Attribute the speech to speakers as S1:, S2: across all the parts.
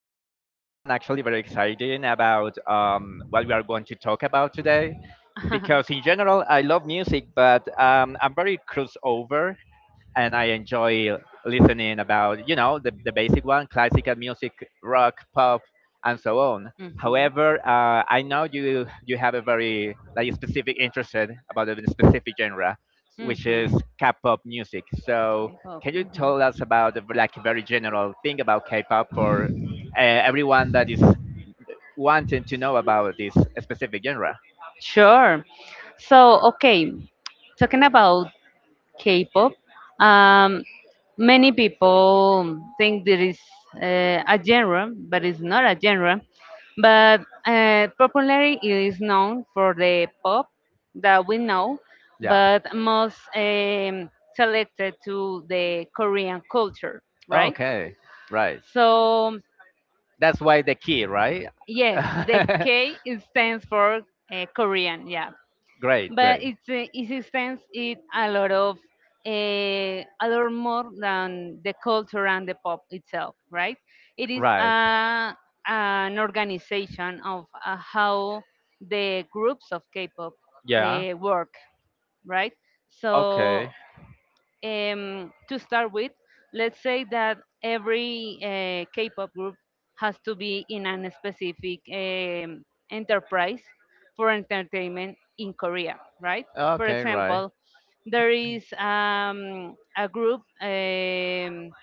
S1: I'm really fine and actually very excited about what we are going to talk about today, because in general I love music, but I'm very crossover and I enjoy listening about the basic one, classical music, rock, pop, and so on.
S2: Mhm.
S1: However, I know you have a very like specific interest about a specific genre, which is
S2: Mhm.
S1: K-pop music. So
S2: Okay. Hope.
S1: can you
S2: Mhm.
S1: tell us about the, like a very general thing about K-pop for everyone that is wanting to know about this specific genre?
S2: Sure. So okay, talking about K-pop, um, many people think there is a genre, but it's not a genre. But popularly, it is known for the pop that we know,
S1: Yeah.
S2: but most selected to the Korean culture, right?
S1: Okay. Right.
S2: So
S1: That's why the key, right?
S2: yes, the K is stands for Korean, yeah.
S1: Great,
S2: But
S1: great.
S2: it's it extends it a lot of uh, a lot more than the culture and the pop itself, right? It is
S1: Right.
S2: a, an organization of how the groups of K-pop
S1: Yeah.
S2: work, right? So
S1: Okay.
S2: to start with, let's say that every K-pop group has to be in a specific enterprise for entertainment in Korea, right? For
S1: Okay, right.
S2: example, there is a group.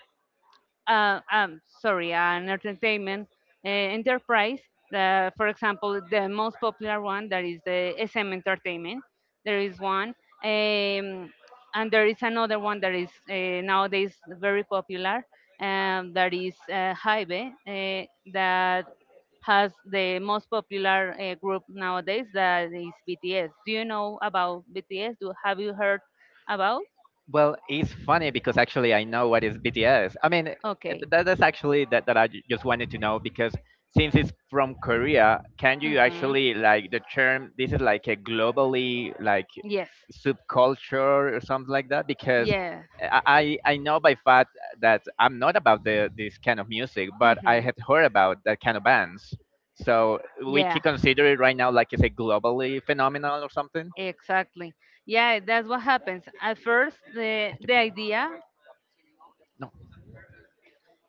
S2: Sorry, an entertainment enterprise. For example, the most popular one that is the SM Entertainment. There is one, um, and there is another one that is nowadays very popular. That is Hybe, that has the most popular group nowadays. That is BTS. Do you know about BTS? Do have you heard about?
S1: Well, it's funny because actually I know what is BTS. I mean,
S2: Okay.
S1: that, that's actually that, that just wanted to know because since it's from Korea, can you
S2: Mm-hmm.
S1: actually like the term? This is like a globally like
S2: Yes.
S1: subculture or something like that, because
S2: Yeah.
S1: I know by fact that I'm not about the this kind of music, but I
S2: Mm-hmm.
S1: had heard about that kind of bands. So we
S2: Yeah.
S1: could consider it right now like it's a globally phenomenon or something.
S2: Exactly. Yeah, that's what happens. At first, the
S1: Thank you.
S2: idea
S1: No.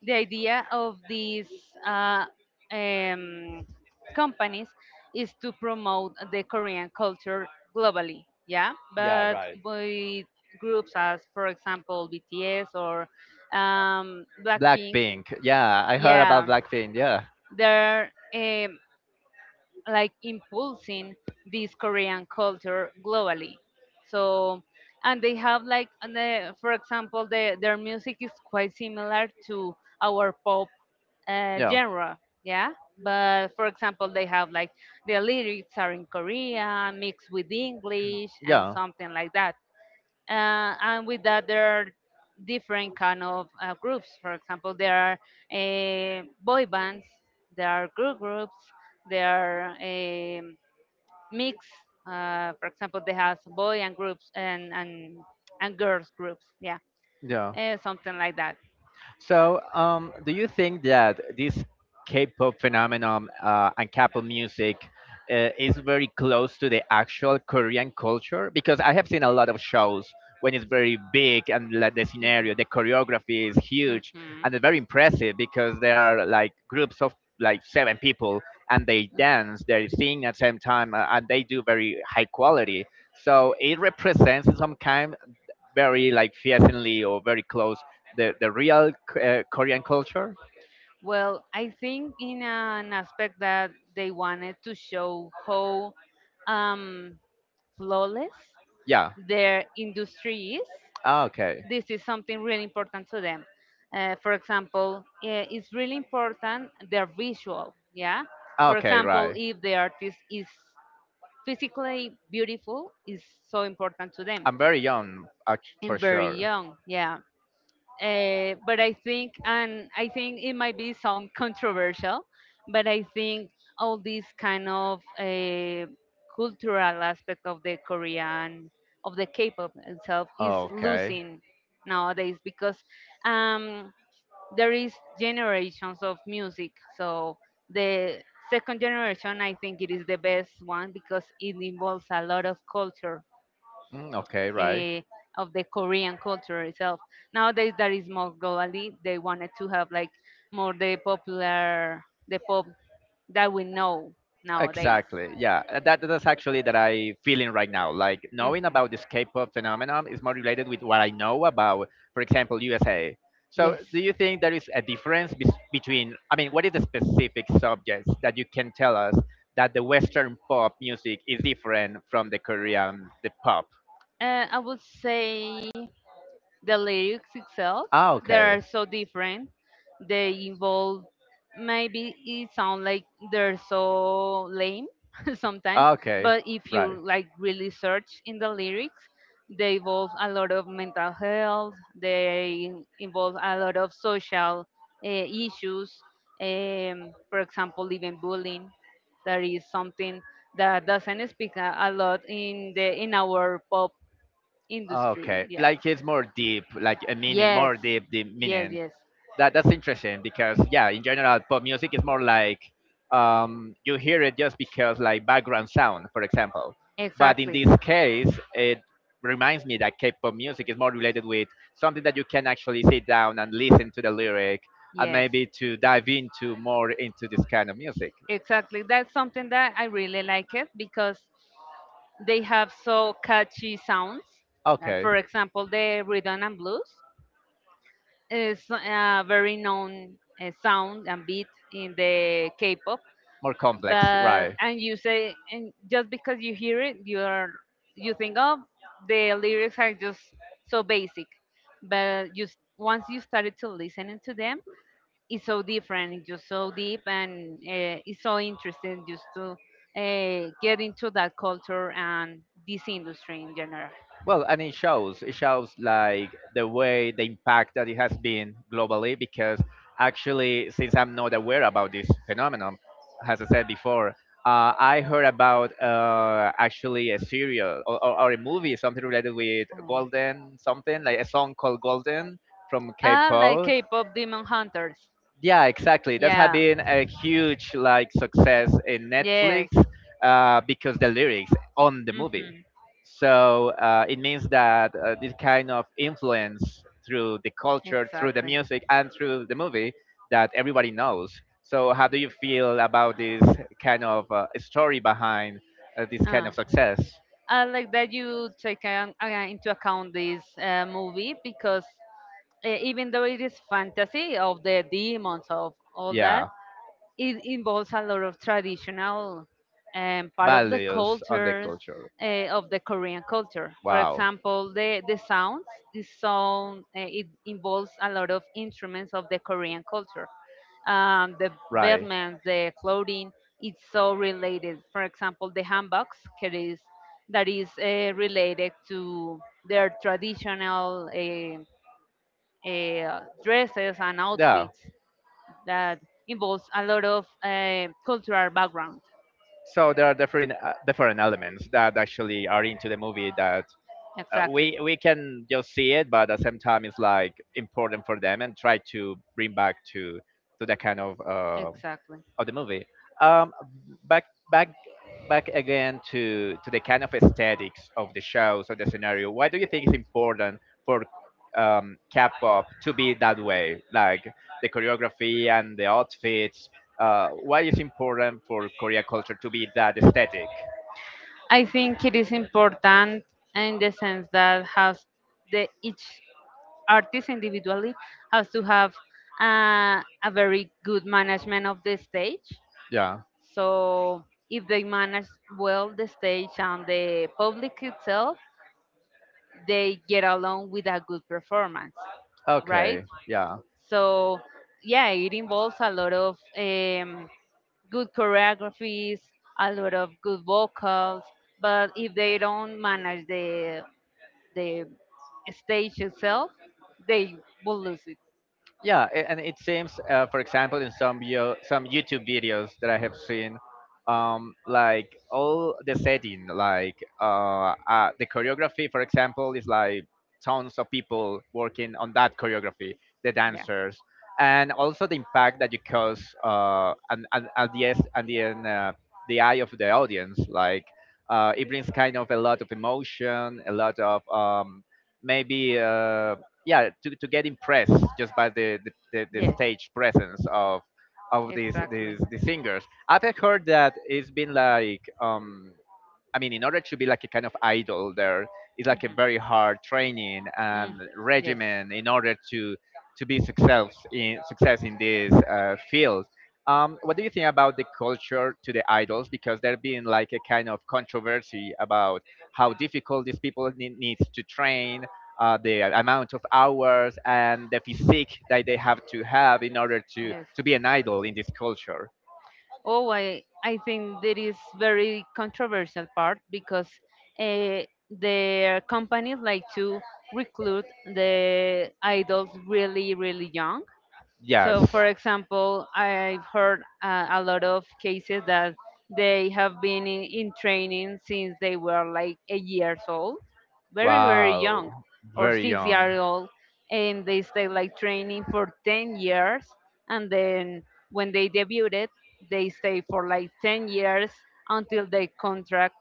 S2: the idea of these uh, um, companies is to promote the Korean culture globally, yeah,
S1: Yeah, yeah,
S2: but
S1: right, yes.
S2: with groups as, for example, BTS or Blackpink,
S1: Blackpink. Blackpink. Yeah, I heard, yeah,
S2: yeah,
S1: about, yeah, Blackpink. Yeah.
S2: they're like impulsing this Korean culture globally. So, and they have like, and the, for example, the, their music is quite similar to our pop
S1: Yeah.
S2: genre, yeah. But for example, they have like the lyrics are in Korean mixed with English and something like that and with that there are different kind of groups. For example, there are boy bands, there are girl groups, there are mix. For example, they have boy and groups and girls groups, yeah.
S1: Yeah. Yeah.
S2: Something like that.
S1: So, do you think that this K-pop phenomenon and K-pop music is very close to the actual Korean culture? Because I have seen a lot of shows when it's very big and like the
S2: Mhm.
S1: scenario, the choreography is huge, and it's very impressive because there are like groups of like seven people, and they dance, they sing at the same
S2: Mhm.
S1: time, and they do very high quality. So it represents some kind very like fiercely or very close the real Korean culture?
S2: Well, I think in an aspect that they wanted to show how um, flawless
S1: Yeah.
S2: their industry is,
S1: Ah, okay.
S2: this is something really important to them. For example, it's really important their visual. Yeah.
S1: Ah,
S2: For
S1: okay.
S2: example,
S1: Right.
S2: if the artist is physically beautiful is so important to them
S1: I'm very young, for
S2: and very
S1: sure.
S2: young, yeah. But I think and I think it might be sound controversial, but I think all these kind of cultural aspect of the Korean of the K-pop itself is
S1: Okay.
S2: losing nowadays because um, there is generations of music. So the second generation I think it is the best one because it involves a lot of culture,
S1: Mm, okay, right.
S2: eh, of the Korean culture itself. Nowadays that is more globally they wanted to have like more the popular the pop that we know nowadays.
S1: Exactly. Yeah, that that's actually that I feeling right now. Like knowing
S2: Mhm.
S1: about this K-pop phenomenon is more related with what I know about, for example, USA. So,
S2: Yes.
S1: do you think there is a difference between, I mean, what is the specific subjects that you can tell us that the Western pop music is different from the Korean, the pop?
S2: I would say the lyrics itself
S1: Ah,
S2: they
S1: okay.
S2: are so different. They involve, maybe it sound like they're so lame, sometimes,
S1: Ah, okay,
S2: but if you
S1: right.
S2: like really search in the lyrics, they involve a lot of mental health, they involve a lot of social issues, for example even bullying, that is something that doesn't speak a lot in the in our pop industry,
S1: Okay,
S2: yeah.
S1: like it's more deep, like a meaning,
S2: Yes.
S1: more deep
S2: Yes,
S1: meaning.
S2: yes.
S1: That that's interesting because yeah, in general, pop music is more like you hear it just because like background sound, for example. But in
S2: Exactly.
S1: this case, it reminds me that K-pop music is more related with something that you can actually sit down and listen to the lyric and
S2: Yes.
S1: maybe to dive into more into this kind of music.
S2: Exactly. That's something that I really like it because they have so catchy sounds.
S1: Okay.
S2: For example, the rhythm and blues is a very known sound and beat in the K-pop.
S1: More complex,
S2: But
S1: right?
S2: and you say, and just because you hear it you are, you think, oh, the lyrics are just so basic, but once you started to listening to them, it's so different, it's just so deep and it's so interesting just to get into that culture and this industry in general.
S1: Well, and it shows. It shows like the way the impact that it has been globally, because actually, since I'm not aware about this phenomenon, as I said before, I heard about actually a serial or a movie, something related with
S2: Um.
S1: Golden, something like a song called Golden from
S2: Ah, like
S1: K-pop.
S2: K-pop Demon Hunters.
S1: Yeah, exactly, that had
S2: Yeah.
S1: been a huge like success in Netflix,
S2: Yes.
S1: because the lyrics on the movie.
S2: Mhm.
S1: So it means that this kind of influence through the culture, through the
S2: Exactly.
S1: music, and through the movie, that everybody knows. So how do you feel about this kind of story behind this kind
S2: Ah.
S1: of success?
S2: I like that you take into account this movie because even though it is fantasy of the demons of all that,
S1: Yeah,
S2: it involves a lot of traditional part of the
S1: values on the
S2: cultures
S1: culture.
S2: of the Korean culture. For
S1: Wow.
S2: example, the sounds, the sound, it involves a lot of instruments of the Korean culture. The
S1: Right.
S2: bedmans, the clothing, it's so related. For example, the handbags, that is related to their traditional dresses and
S1: Yeah.
S2: outfits that involves a lot of cultural background.
S1: So there are different different elements that actually are into the movie that uh,
S2: Exactly.
S1: we we can just see it, but at the same time, it's like important for them and try to bring back to that kind
S2: Exactly.
S1: of the movie. Um, back back back again to the kind of aesthetics of the shows or the scenario. Why do you think it's important for K-pop to be that way, like the choreography and the outfits? Why is important for Korea culture to be that aesthetic?
S2: I think it is important in the sense that has the each artist individually has to have a very good management of the stage.
S1: Yeah.
S2: So if they manage well the stage and the public itself, they get along with a good performance, right?
S1: Okay. Yeah.
S2: So, yeah, it involves a lot of good choreographies, a lot of good vocals, but if they don't manage the stage itself, they will lose it.
S1: Yeah, and it seems, for example, in some some YouTube videos that I have seen, like all the setting like the choreography, for example, is like tons of people working on that choreography, the
S2: Yeah.
S1: dancers, and also the impact that you cause, and at the and the end, the eye of the audience, like it brings kind of a lot of emotion, a lot of maybe yeah, to get impressed just by the
S2: Yes,
S1: stage presence of these
S2: exactly.
S1: these, these singers. I've heard that it's been like I mean, in order to be like a kind of idol, there is like a
S2: Mhm.
S1: very hard training
S2: Mm.
S1: and
S2: Yes.
S1: regimen in order to be success in success in this field. What do you think about the culture to the idols? Because there being like a kind of controversy about how difficult these people needs to train, the amount of hours, and the physique that they have to have in order to
S2: Yes.
S1: be an idol in this culture.
S2: Oh, I think that is very controversial part because uh, their companies like to recruit the idols really really young, yeah.
S1: Yes.
S2: So, for example, I've heard a lot of cases that they have been in training since they were like 8 years old, very, very young,
S1: Wow,
S2: or
S1: very
S2: six
S1: young.
S2: years old, and they stay like training for 10 years. And then when they debuted, they stay for like 10 years until their contract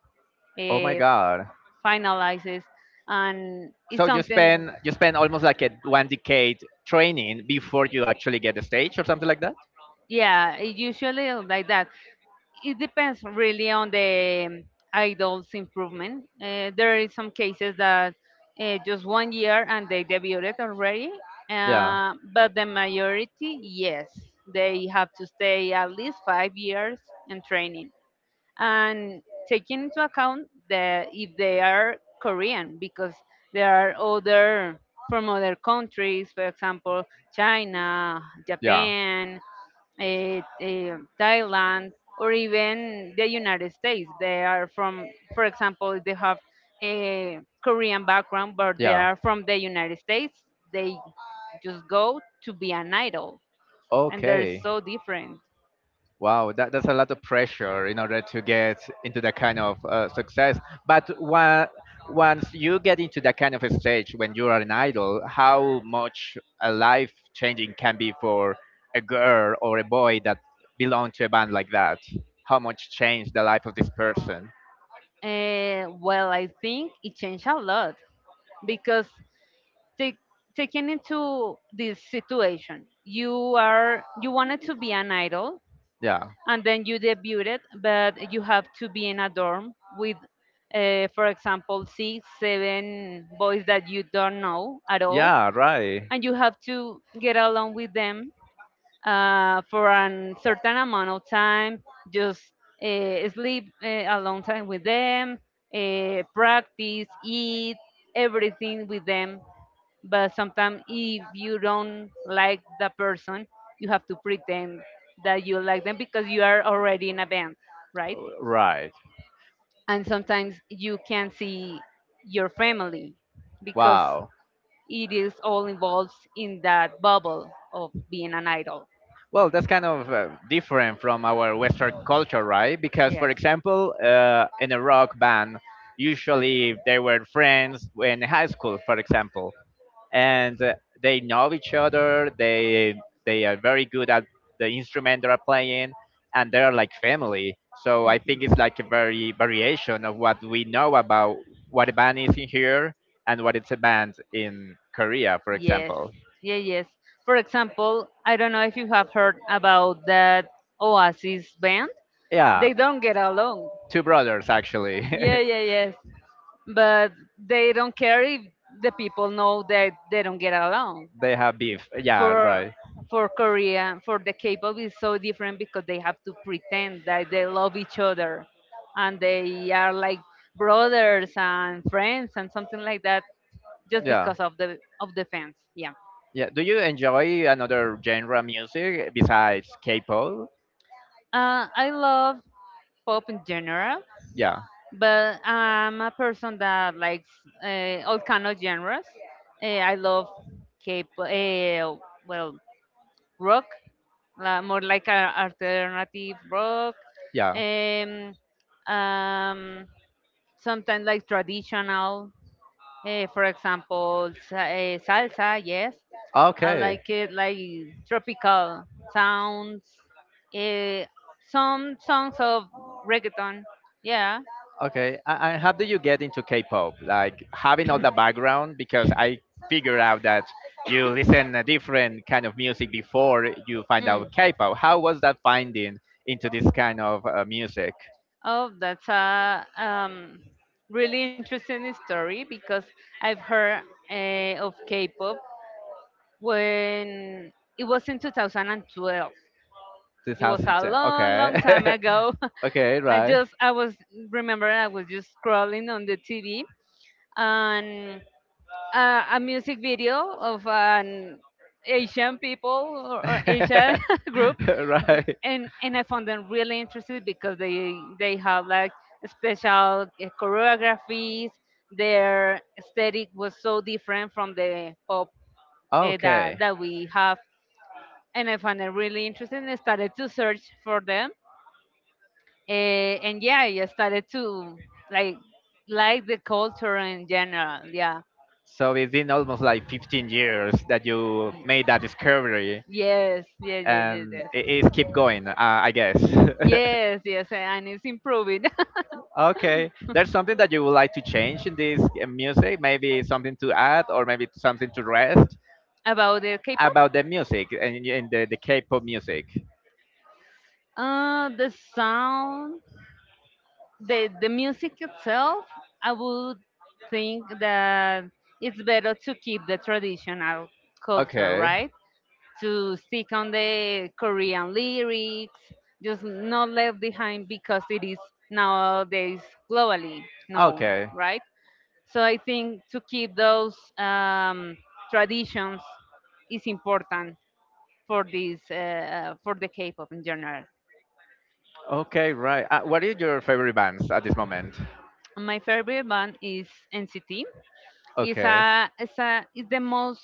S1: Oh my
S2: uh,
S1: God.
S2: finalizes. And it's
S1: So
S2: something.
S1: you spend almost like a one decade training before you actually get the stage or something like that?
S2: Yeah, it usually is like that. It depends really on the idol's improvement. There is some cases that just one year and they debuted already,
S1: Yeah.
S2: but the majority, yes, they have to stay at least 5 years in training and taking into account that if they are Korean, because there are other from other countries, for example, China,
S1: Yeah.
S2: Japan, Thailand, or even the United States. They are from, for example, they have a Korean background, but they
S1: Yeah.
S2: are from the United States. They just go to be an idol, and they're
S1: Okay.
S2: so different.
S1: Wow, that, that's a lot of pressure in order to get into that kind of success. But once you get into that kind of a stage when you are an idol, how much a life changing can be for a girl or a boy that belong to a band like that? How much change the life of this person?
S2: Eh, well, I think it changed a lot. Because take, taking into this situation, you are, you wanted to be an idol
S1: Yeah.
S2: and then you debuted, but you have to be in a dorm with, for example, 6 7 boys that you don't know at all
S1: Yeah, right.
S2: and you have to get along with them for a certain amount of time, just
S1: Um,
S2: sleep a long time with
S1: movement.
S2: them, practice, eat, everything with them. But sometimes, if you don't like the person, you have to pretend that you like them because you are already in a band, right?
S1: Right.
S2: And sometimes you can see your family because
S1: Wow.
S2: it is all involved in that bubble of being an idol.
S1: Well, that's kind of different from our Western culture, right? Because, for
S2: Yes. Mhm.
S1: example, in a rock band, usually they were friends in high school, for example, and they know each other. They are very good at the instrument they are playing, and they are like family. So I think it's like a very variation of what we know about what a band is in here and what it's a band in Korea, for
S2: Yes,
S1: example.
S2: yeah, yes. For example, I don't know if you have heard about that Oasis band.
S1: Yeah,
S2: They don't get along.
S1: two brothers actually.
S2: Yeah, yeah, yes. But they don't care if the people know that they don't get along.
S1: They have beef. Yeah,
S2: For
S1: right.
S2: for Korea, for the K-pop is so different because they have to pretend that they love each other, and they are like brothers and friends and something like that, just
S1: Yeah.
S2: because of the fans. Yeah.
S1: Yeah. Do you enjoy another genre music besides K-pop?
S2: I love pop in general,
S1: Yeah.
S2: but I'm a person that likes all kind of genres. I love K-pop, well, rock, more like a alternative rock.
S1: Yeah.
S2: Um, um, Sometimes like traditional. For example, salsa, yes. I
S1: Okay.
S2: like it like tropical sounds. Eh, some songs of reggaeton. Yeah.
S1: Okay, and how do you get into K-pop? Like having all the background, because I figured out that you listen a different kind of music before you find
S2: Mm.
S1: out K-pop. How was that finding into this kind of music?
S2: Oh, that's a really interesting story because I've heard of K-pop when it was in 2012.
S1: Two
S2: It was
S1: thousand
S2: a
S1: ten.
S2: long, long time
S1: Okay.
S2: ago.
S1: Okay.
S2: I
S1: Right.
S2: just, remember, I was just scrolling on the TV and a music video of an Asian people or Asian
S1: Right.
S2: group, and I found them really interesting because they have like special choreographies. Their aesthetic was so different from the pop
S1: Okay.
S2: that we have, and I found it really interesting. I started to search for them. And yeah, I just started to like like the culture in general. Yeah.
S1: So it's been almost like 15 years that you
S2: Y-
S1: made that discovery
S2: Yes, yes, yes, yes,
S1: and
S2: yes.
S1: it is keep going. I guess.
S2: Yes, yes, and it's improving.
S1: Okay. There's something that you would like to change in this music. Maybe something to add, or maybe something to rest
S2: About the K-pop,
S1: about the music and in the K-pop music.
S2: the sound, the music itself, I would think that it's better to keep the traditional culture,
S1: Okay.
S2: right? To stick on the Korean lyrics, just not left behind because it is nowadays globally known,
S1: Okay.
S2: right? So I think to keep those traditions is important for this for the K-pop in general.
S1: Okay, right. What are your favorite bands at this moment?
S2: My favorite band is NCT. It's
S1: Okay.
S2: a it's a it's the most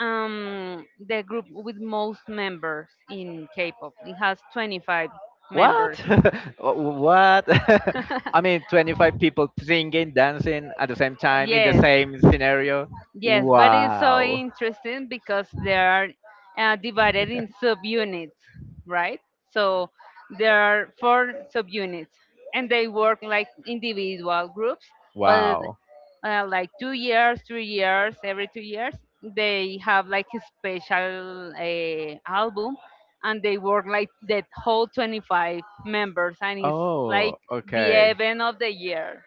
S2: the group with most members in K-pop. It has 25
S1: What?
S2: members.
S1: What? I mean, 25 people singing, dancing at the same time in the
S2: Yes,
S1: same scenario.
S2: yes, but it's so
S1: Wow.
S2: interesting because they are divided in subunits, right? So there are four subunits, and they work like individual groups, but
S1: Wow.
S2: like 2 years, 3 years, every 2 years, they have like a special album, and they work like that whole 25 members, and it's like
S1: Oh,
S2: the
S1: okay.
S2: event of the year.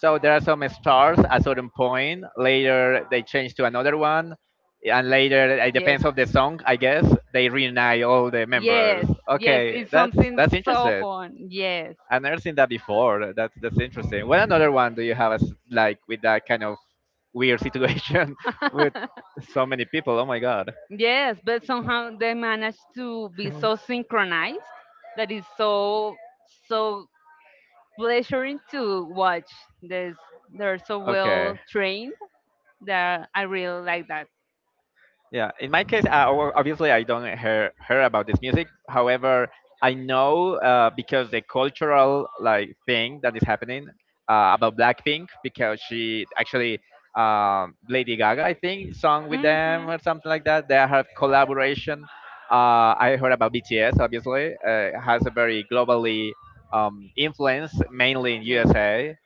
S1: So there are some stars at certain point. Later they change to another one, and later it
S2: Yes.
S1: depends on the song, I guess. They reunite all the members.
S2: Yes. Yes.
S1: Okay,
S2: It's something
S1: that's
S2: so
S1: interesting.
S2: fun. Yes.
S1: I've never seen that before. That's interesting. What another one do you have as like with that kind of weird situation with so many people? Oh my god.
S2: Yes. But somehow they manage to be so synchronized that it's so pleasuring to watch. There's They're so
S1: Okay.
S2: well trained that I really like that.
S1: Yeah, in my case, obviously I don't hear about this music. However, I know because the cultural like thing that is happening about Blackpink, because she actually Lady Gaga I think song with them
S2: Mhm.
S1: or something like that. They have collaboration. I heard about BTS, obviously has a very globally influence mainly in USA,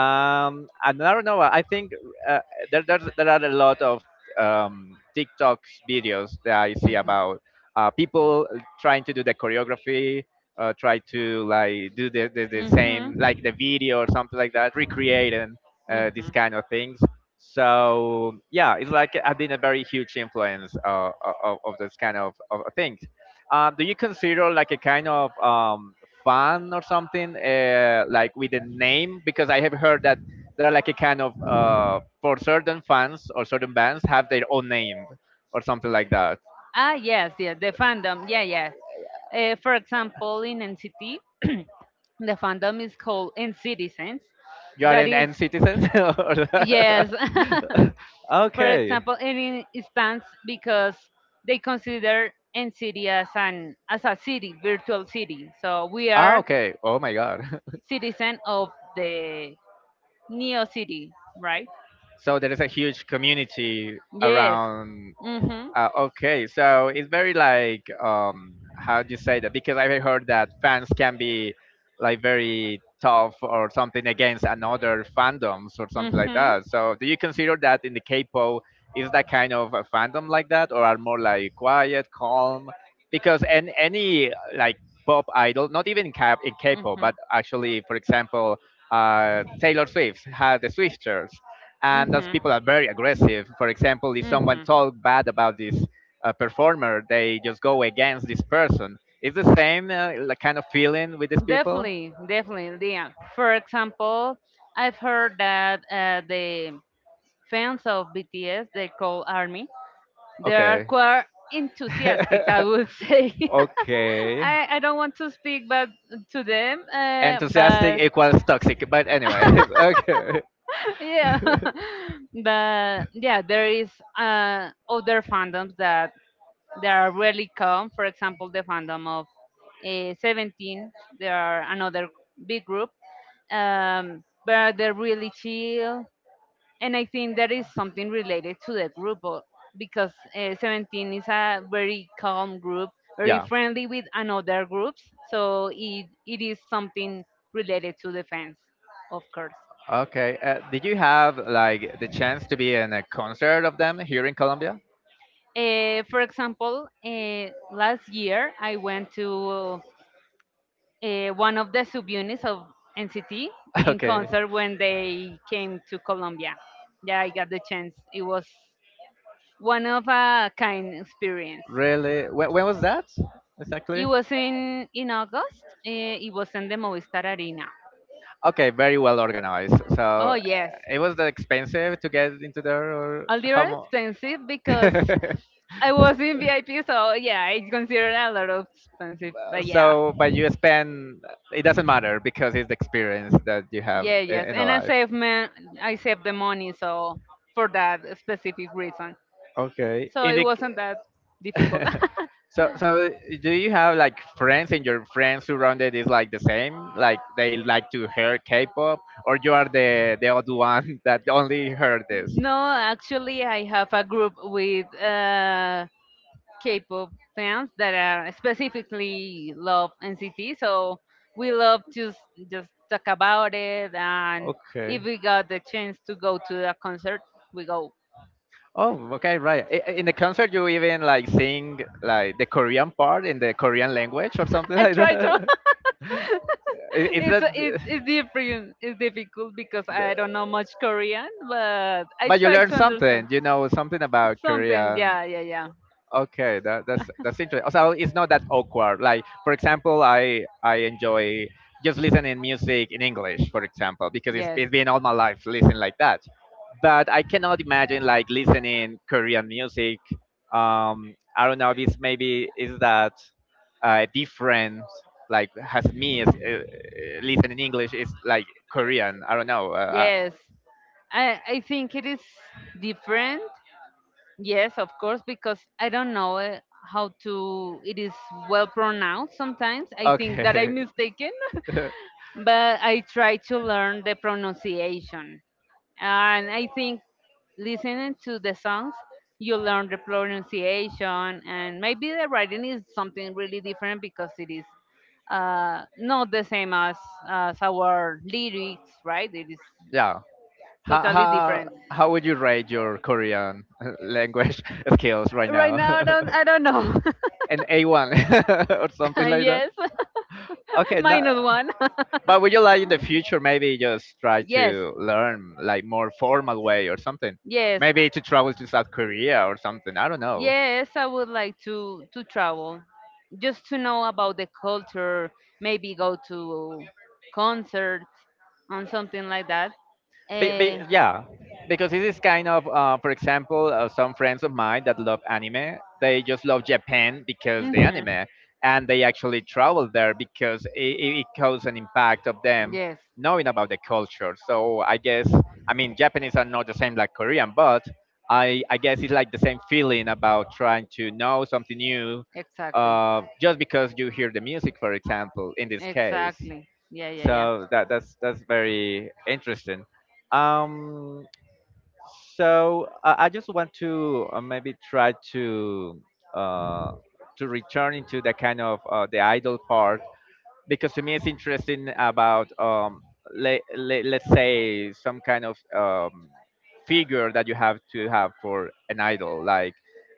S1: and I don't know. I think uh, there are a lot of TikTok videos that I see about people trying to do the choreography, try to like do the same like the video or something like that, recreating these kind of things. So yeah, it's like I've been a very huge influence of this kind of things. Do you consider like a kind of fun or something like with the name? Because I have heard that there are like a kind of for certain fans or certain bands have their own name or something like that.
S2: Ah, yes, yes, the fandom. Yeah, yeah. For example, in NCT, the fandom is called N Citizens.
S1: You are
S2: That
S1: an
S2: is,
S1: n citizen or-
S2: yes. For
S1: okay.
S2: example, in instance, because they consider NCT as an as a city, virtual city. So we
S1: Ah,
S2: are
S1: okay, oh my god.
S2: citizen of the Neo City, right?
S1: So there is a huge community
S2: Yes.
S1: around.
S2: Mm-hmm.
S1: Okay, so it's very like how do you say that? Because I've heard that fans can be like very tough or something against another fandoms or something like
S2: Mm-hmm.
S1: that. So do you consider that in the K-pop, is that kind of a fandom like that, or are more like quiet, calm? Because and any like pop idol, not even in K- in
S2: Mm-hmm.
S1: K-pop,
S2: Mm-hmm.
S1: but actually, for example, Taylor Swift had the Swifters and those people are very aggressive. For example, if someone
S2: Mm-hmm.
S1: talk bad about this performer, they just go against this person. It's the same like kind of feeling with these people.
S2: Definitely, definitely. Yeah. For example, I've heard that the fans of BTS, they call ARMY, they are
S1: Okay.
S2: quite enthusiastic, I would say.
S1: Okay.
S2: I don't want to speak but to them,
S1: Enthusiastic
S2: but
S1: equals toxic, but anyways, okay.
S2: yeah but yeah there is other fandoms that they are really calm, for example the fandom of
S1: Yeah,
S2: 17.
S1: that
S2: They
S1: there
S2: are
S1: are.
S2: another big group,
S1: And
S2: um, but they're really
S1: technology,
S2: chill, and I
S1: and
S2: think that
S1: there is
S2: is something related to the group
S1: so much because
S2: because
S1: twenty
S2: 17 is
S1: seventeen
S2: a very calm group,
S1: is a,
S2: very
S1: yeah, so it.
S2: friendly with another groups. So it is something related to the fans, of course.
S1: Okay. Did you have like the chance to be in a concert of them here in Colombia?
S2: For example, last year I went to one of the subunits of NCT in
S1: Okay.
S2: concert when they came to Colombia. Yeah, I got the chance. It was one of a kind experience.
S1: Really? When was that
S2: It
S1: exactly?
S2: was in August. Eh, it was in the Movistar Arena.
S1: Okay, very well organized. So
S2: Oh yes,
S1: it was that expensive to get into there, or
S2: a
S1: how
S2: little expensive because
S1: much?
S2: I was in VIP, so yeah, it's considered a lot of expensive. But yeah,
S1: So, but you spend. It doesn't matter because it's the experience that you have
S2: yeah,
S1: in,
S2: yes,
S1: in a
S2: and I
S1: life.
S2: saved, man, I saved the money so for that specific reason.
S1: Okay.
S2: So
S1: In
S2: it
S1: the
S2: wasn't that difficult.
S1: so do you have like friends and your friends surrounded is like the same? Like they like to hear K-pop, or you are the odd one that only heard this?
S2: No, actually, I have a group with K-pop fans that are specifically love NCT. So we love to just talk about it, and if
S1: Okay.
S2: we got the chance to go to the concert, we go.
S1: Oh, okay, right. In the concert, you even like sing like the Korean part in the Korean language or something
S2: I
S1: like
S2: try to.
S1: that? Is
S2: it's
S1: that?
S2: it's it's different. It's difficult because
S1: The-
S2: I don't know much Korean, but I
S1: but you
S2: try
S1: learn
S2: to understand
S1: something, you know, something about
S2: something.
S1: Korean.
S2: Yeah, yeah, yeah.
S1: Okay, that's interesting. So it's not that awkward. Like for example, I enjoy just listening music in English, for example, because it's,
S2: Yes.
S1: it's been all my life listening like that. But I cannot imagine like listening Korean music. I don't know if it's maybe is that different. Like has me is, listening English is like Korean. I don't know.
S2: Yes,
S1: I
S2: I think it is different. Yes, of course, because I don't know how to. It is well pronounced sometimes. I think that I'm mistaken, but I try to learn the pronunciation. And I think listening to the songs, you learn the pronunciation, and maybe the writing is something really different because it is not the same as our lyrics, right? It is
S1: yeah. How
S2: totally
S1: how
S2: different.
S1: how would you rate your Korean language skills right
S2: Right
S1: now?
S2: now, I don't, I don't know.
S1: An A one or something like that.
S2: Yes.
S1: Okay, no,
S2: Minus one.
S1: but would you like in the future maybe just try
S2: Yes,
S1: to learn like more formal way or something?
S2: yes.
S1: Maybe to travel to South Korea or something. I don't know.
S2: Yes, I would like to travel just to know about the culture, maybe go to concerts and something like that. Uh,
S1: Yeah, because this is kind of, for example, some friends of mine that love anime, they just love Japan because the
S2: mhm.
S1: anime, and they actually travel there because it caused an impact of them
S2: Yes.
S1: knowing about the culture. So I guess, I mean, Japanese are not the same like Korean, but I guess it's like the same feeling about trying to know something new
S2: Exactly.
S1: just because you hear the music, for example, in this case.
S2: Exactly. Yeah, yeah, yeah.
S1: So that's very interesting. Um, so I just want to maybe try uh, to return into the kind of the idol part because to me it's interesting about let's say some kind of figure that you have to have for an idol. Like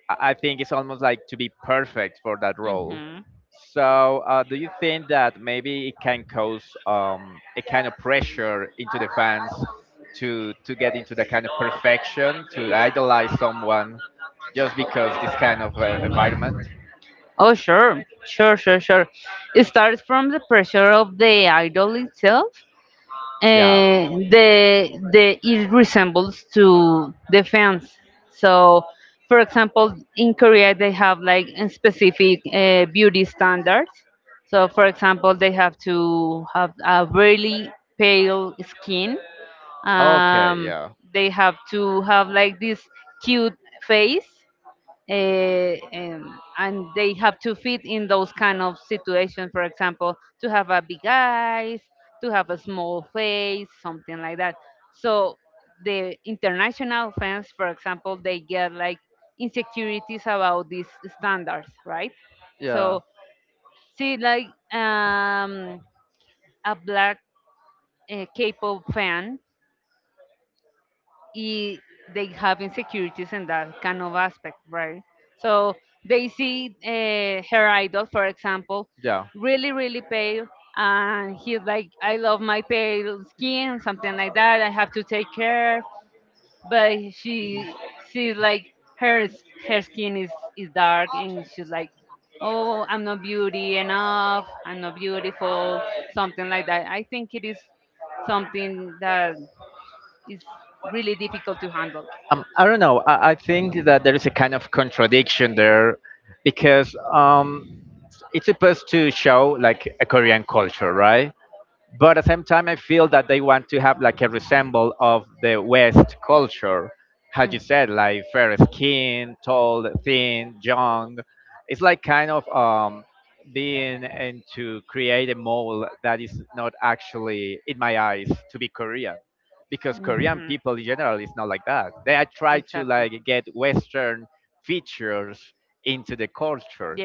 S1: I think it's almost like to be perfect for that role.
S2: Mhm.
S1: So do you think that maybe it can cause um, a kind of pressure into the fans to to get into the kind of perfection to idolize someone just because this kind of environment?
S2: Oh, sure, sure, sure, sure. It starts from the pressure of the idol itself.
S1: Yeah.
S2: The it resembles to the fans. So, for example, in Korea they have like a specific beauty standards. So, for example, they have to have a really pale skin.
S1: Okay,
S2: Um,
S1: yeah.
S2: they have to have like this cute face, and they have to fit in those kind of situations, for example to have a big eyes, to have a small face, something like that. So the international fans, for example, they get like insecurities about these standards, right? So see like
S1: Yeah.
S2: a black k-pop fan i- they have insecurities in that kind of aspect, right? So they see her idol, for example, really, really pale, and he's like, I love my pale skin, something like that. I have to take care. But she sees like her her skin is dark, and she's like, Oh, I'm not beauty enough. I'm not beautiful. Something like that. I think it is something that is really difficult to handle.
S1: I don't know. I think that there is a kind of contradiction there because it's supposed to show like a Korean culture, right? But at the same time, I feel that they want to have like a resemble of the West culture, how you said, like fair skin, tall, thin, young. It's like kind of being and to create a mold that is not actually, in my eyes, to be Korean, because Korean people in general is not like that. They are try to like get Western features into the culture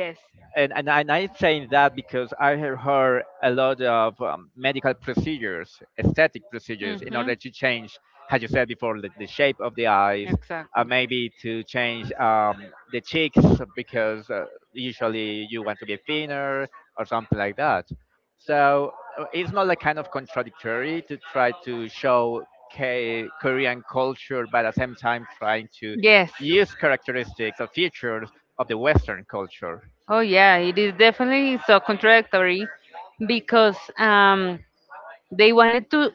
S1: and I'm saying that because I have heard a lot of medical procedures, aesthetic procedures, in
S2: Mm-hmm.
S1: order to change, as you said before, the shape of the eyes,
S2: Exactly.
S1: maybe to change the cheeks because usually you want to be thinner or something like that. So it's not like kind of contradictory to try to show. K- Korean culture, but at the same time trying to
S2: Yes.
S1: use characteristics or features of the Western culture.
S2: Oh yeah, it is definitely so contradictory because they wanted to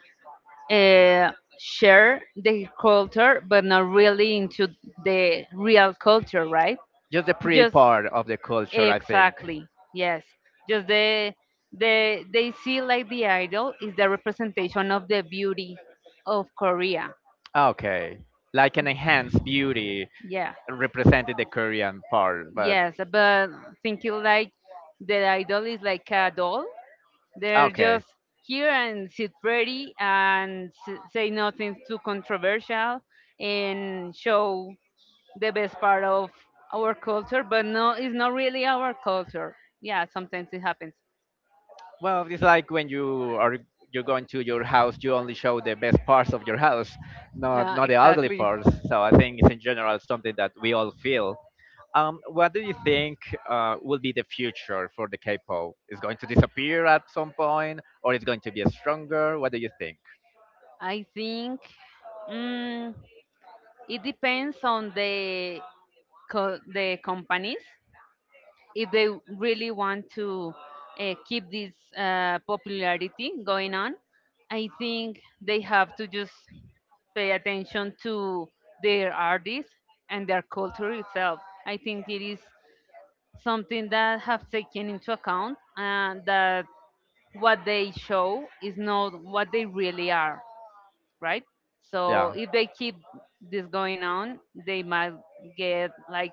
S2: uh, share the culture, but not really into the real culture, right?
S1: Just the pre
S2: Just
S1: part of the culture, I think.
S2: Exactly. Yes. Just the they see like the idol is the representation of the beauty of Korea.
S1: Ah, okay, like an enhanced beauty
S2: Yeah.
S1: represented the Korean part, but
S2: Yes, but thinking like the idol is like a doll.
S1: ah,
S2: They're
S1: okay.
S2: just here and sit pretty and say nothing too controversial and show the best part of our culture, but no, it's not really our culture. Yeah, sometimes it happens.
S1: Well, it's like when you are you're going to your house, you only show the best parts of your house, not
S2: Yeah,
S1: not the ugly
S2: exactly.
S1: parts. So I think it's in general something that we all feel. What do you think will be the future for the K-pop? Is going to disappear at some point, or it's going to be stronger? What do you think?
S2: I think, mm, it depends on the the companies, if they really want to keep this popularity going on. I think they have to just pay attention to their artists and their culture itself. I think it is something that have taken into account and that what they show is not what they really are, right? So
S1: Yeah.
S2: if they keep this going on, they might get like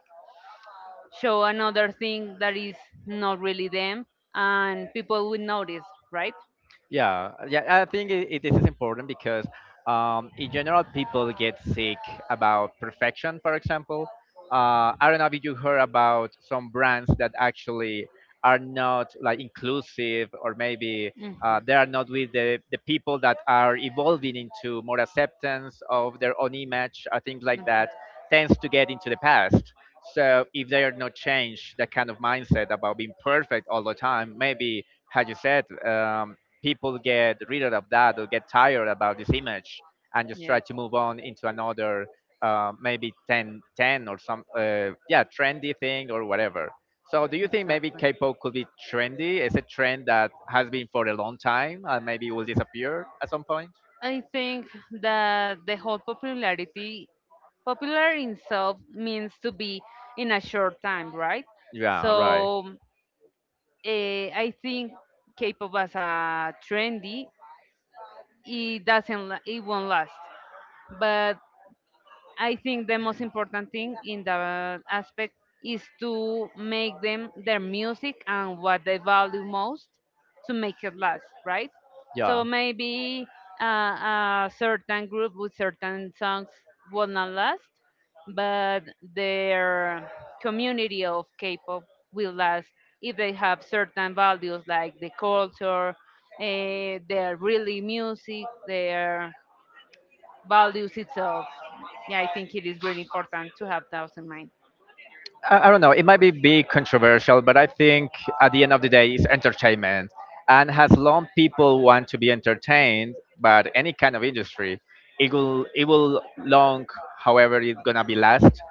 S2: show another thing that is not really them, and people will notice, right?
S1: Yeah, yeah, I think this is important because, in general, people get sick about perfection. For example, I don't know if you heard about some brands that actually are not like inclusive, or maybe
S2: Mhm. Mhm.
S1: they are not with the people that are evolving into more acceptance of their own image, or things like that, tends to get into the past. So if they are not changed, that kind of mindset about being perfect all the time, maybe how you said, people get rid of that or get tired about this image and just try
S2: Yes.
S1: to move on into another maybe ten or some yeah, trendy thing or whatever. So do you think maybe
S2: Exactly.
S1: K-pop could be trendy? Is a trend that has been for a long time and maybe will disappear at some point?
S2: I think that the whole popularity, popular in itself means to be in a short time, right?
S1: Yeah, right.
S2: So, eh, I think K-pop as a trendy, it doesn't, it won't last. But I think the most important thing in that aspect is to make them their music and what they value most to make it last, right?
S1: Yeah.
S2: So maybe a certain group with certain songs will not last, but their community of K-pop will last if they have certain values like the culture, their really music, their values itself. Yeah, I think it is really important to have those in mind.
S1: I don't know. It might be big controversial, but I think at the end of the day, it's entertainment. And as long people want to be entertained, but any kind of industry, it will long, however, it's gonna be last.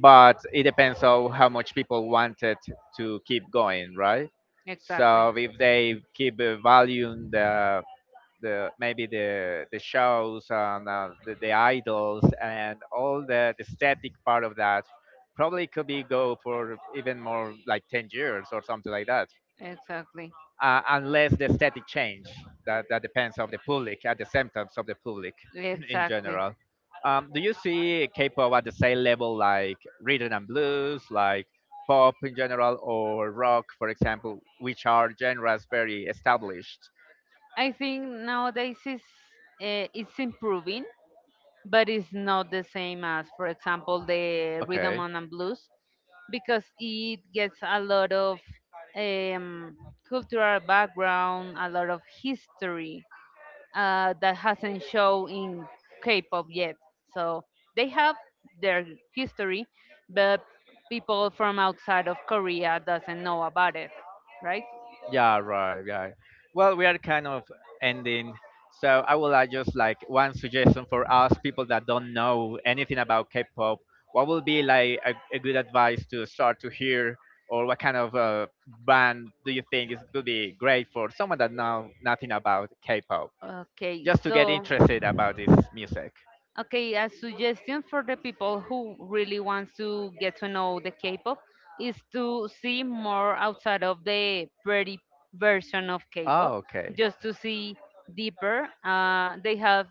S1: But it depends on how much people want it to keep going, right?
S2: Exactly.
S1: So if they keep valuing the maybe the shows and the idols and all the static part of that, probably could be go for even more like 10 years or something like that
S2: Exactly.
S1: unless the static change, that depends of the public and the symptoms of the public in
S2: Exactly.
S1: general. Do you see k-pop at the same level like rhythm and blues, like pop in general or rock for example, which are genres very established?
S2: I think nowadays is it's improving, but it's not the same as, for example, the rhythm
S1: Okay.
S2: and blues, because it gets a lot of um, cultural background, a lot of history that hasn't shown in K-pop yet. So they have their history, but people from outside of Korea doesn't know about it, right?
S1: Yeah, right, right. Well, we are kind of ending. So I would like just like one suggestion for us people that don't know anything about K-pop. What would be like a good advice to start to hear, or what kind of band do you think is could be great for someone that know nothing about K-pop,
S2: Okay,
S1: just to get
S2: so.
S1: interested about this music?
S2: Okay, a suggestion for the people who really wants to get to know the K-pop is to see more outside of the pretty version of
S1: Oh,
S2: K-pop,
S1: okay.
S2: just to see deeper. They have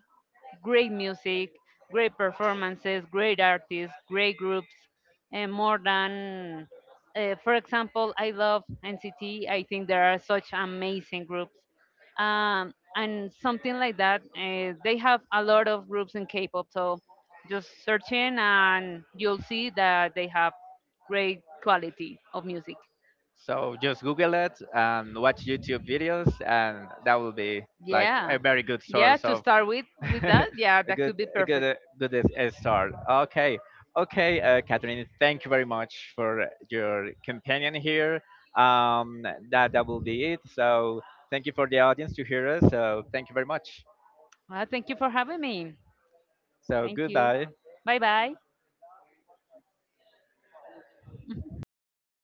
S2: great music, great performances, great artists, great groups, and more than, for example, I love NCT. I think there are such amazing groups, and something like that. They have a lot of groups in K-pop, so just search in and you'll see that they have great quality of music.
S1: So just Google it and watch YouTube videos, and that will be like
S2: Yeah,
S1: a very good
S2: yeah.
S1: source
S2: To
S1: of
S2: start with
S1: a
S2: that, yeah, that could be
S1: a good,
S2: perfect.
S1: good start. Okay, okay, Catherine, thank you very much for your companion here. Um, that will be it. So thank you for the audience to hear us. So thank you very much.
S2: Well, thank you for having me.
S1: So
S2: Thank you.
S1: goodbye.
S2: Bye bye.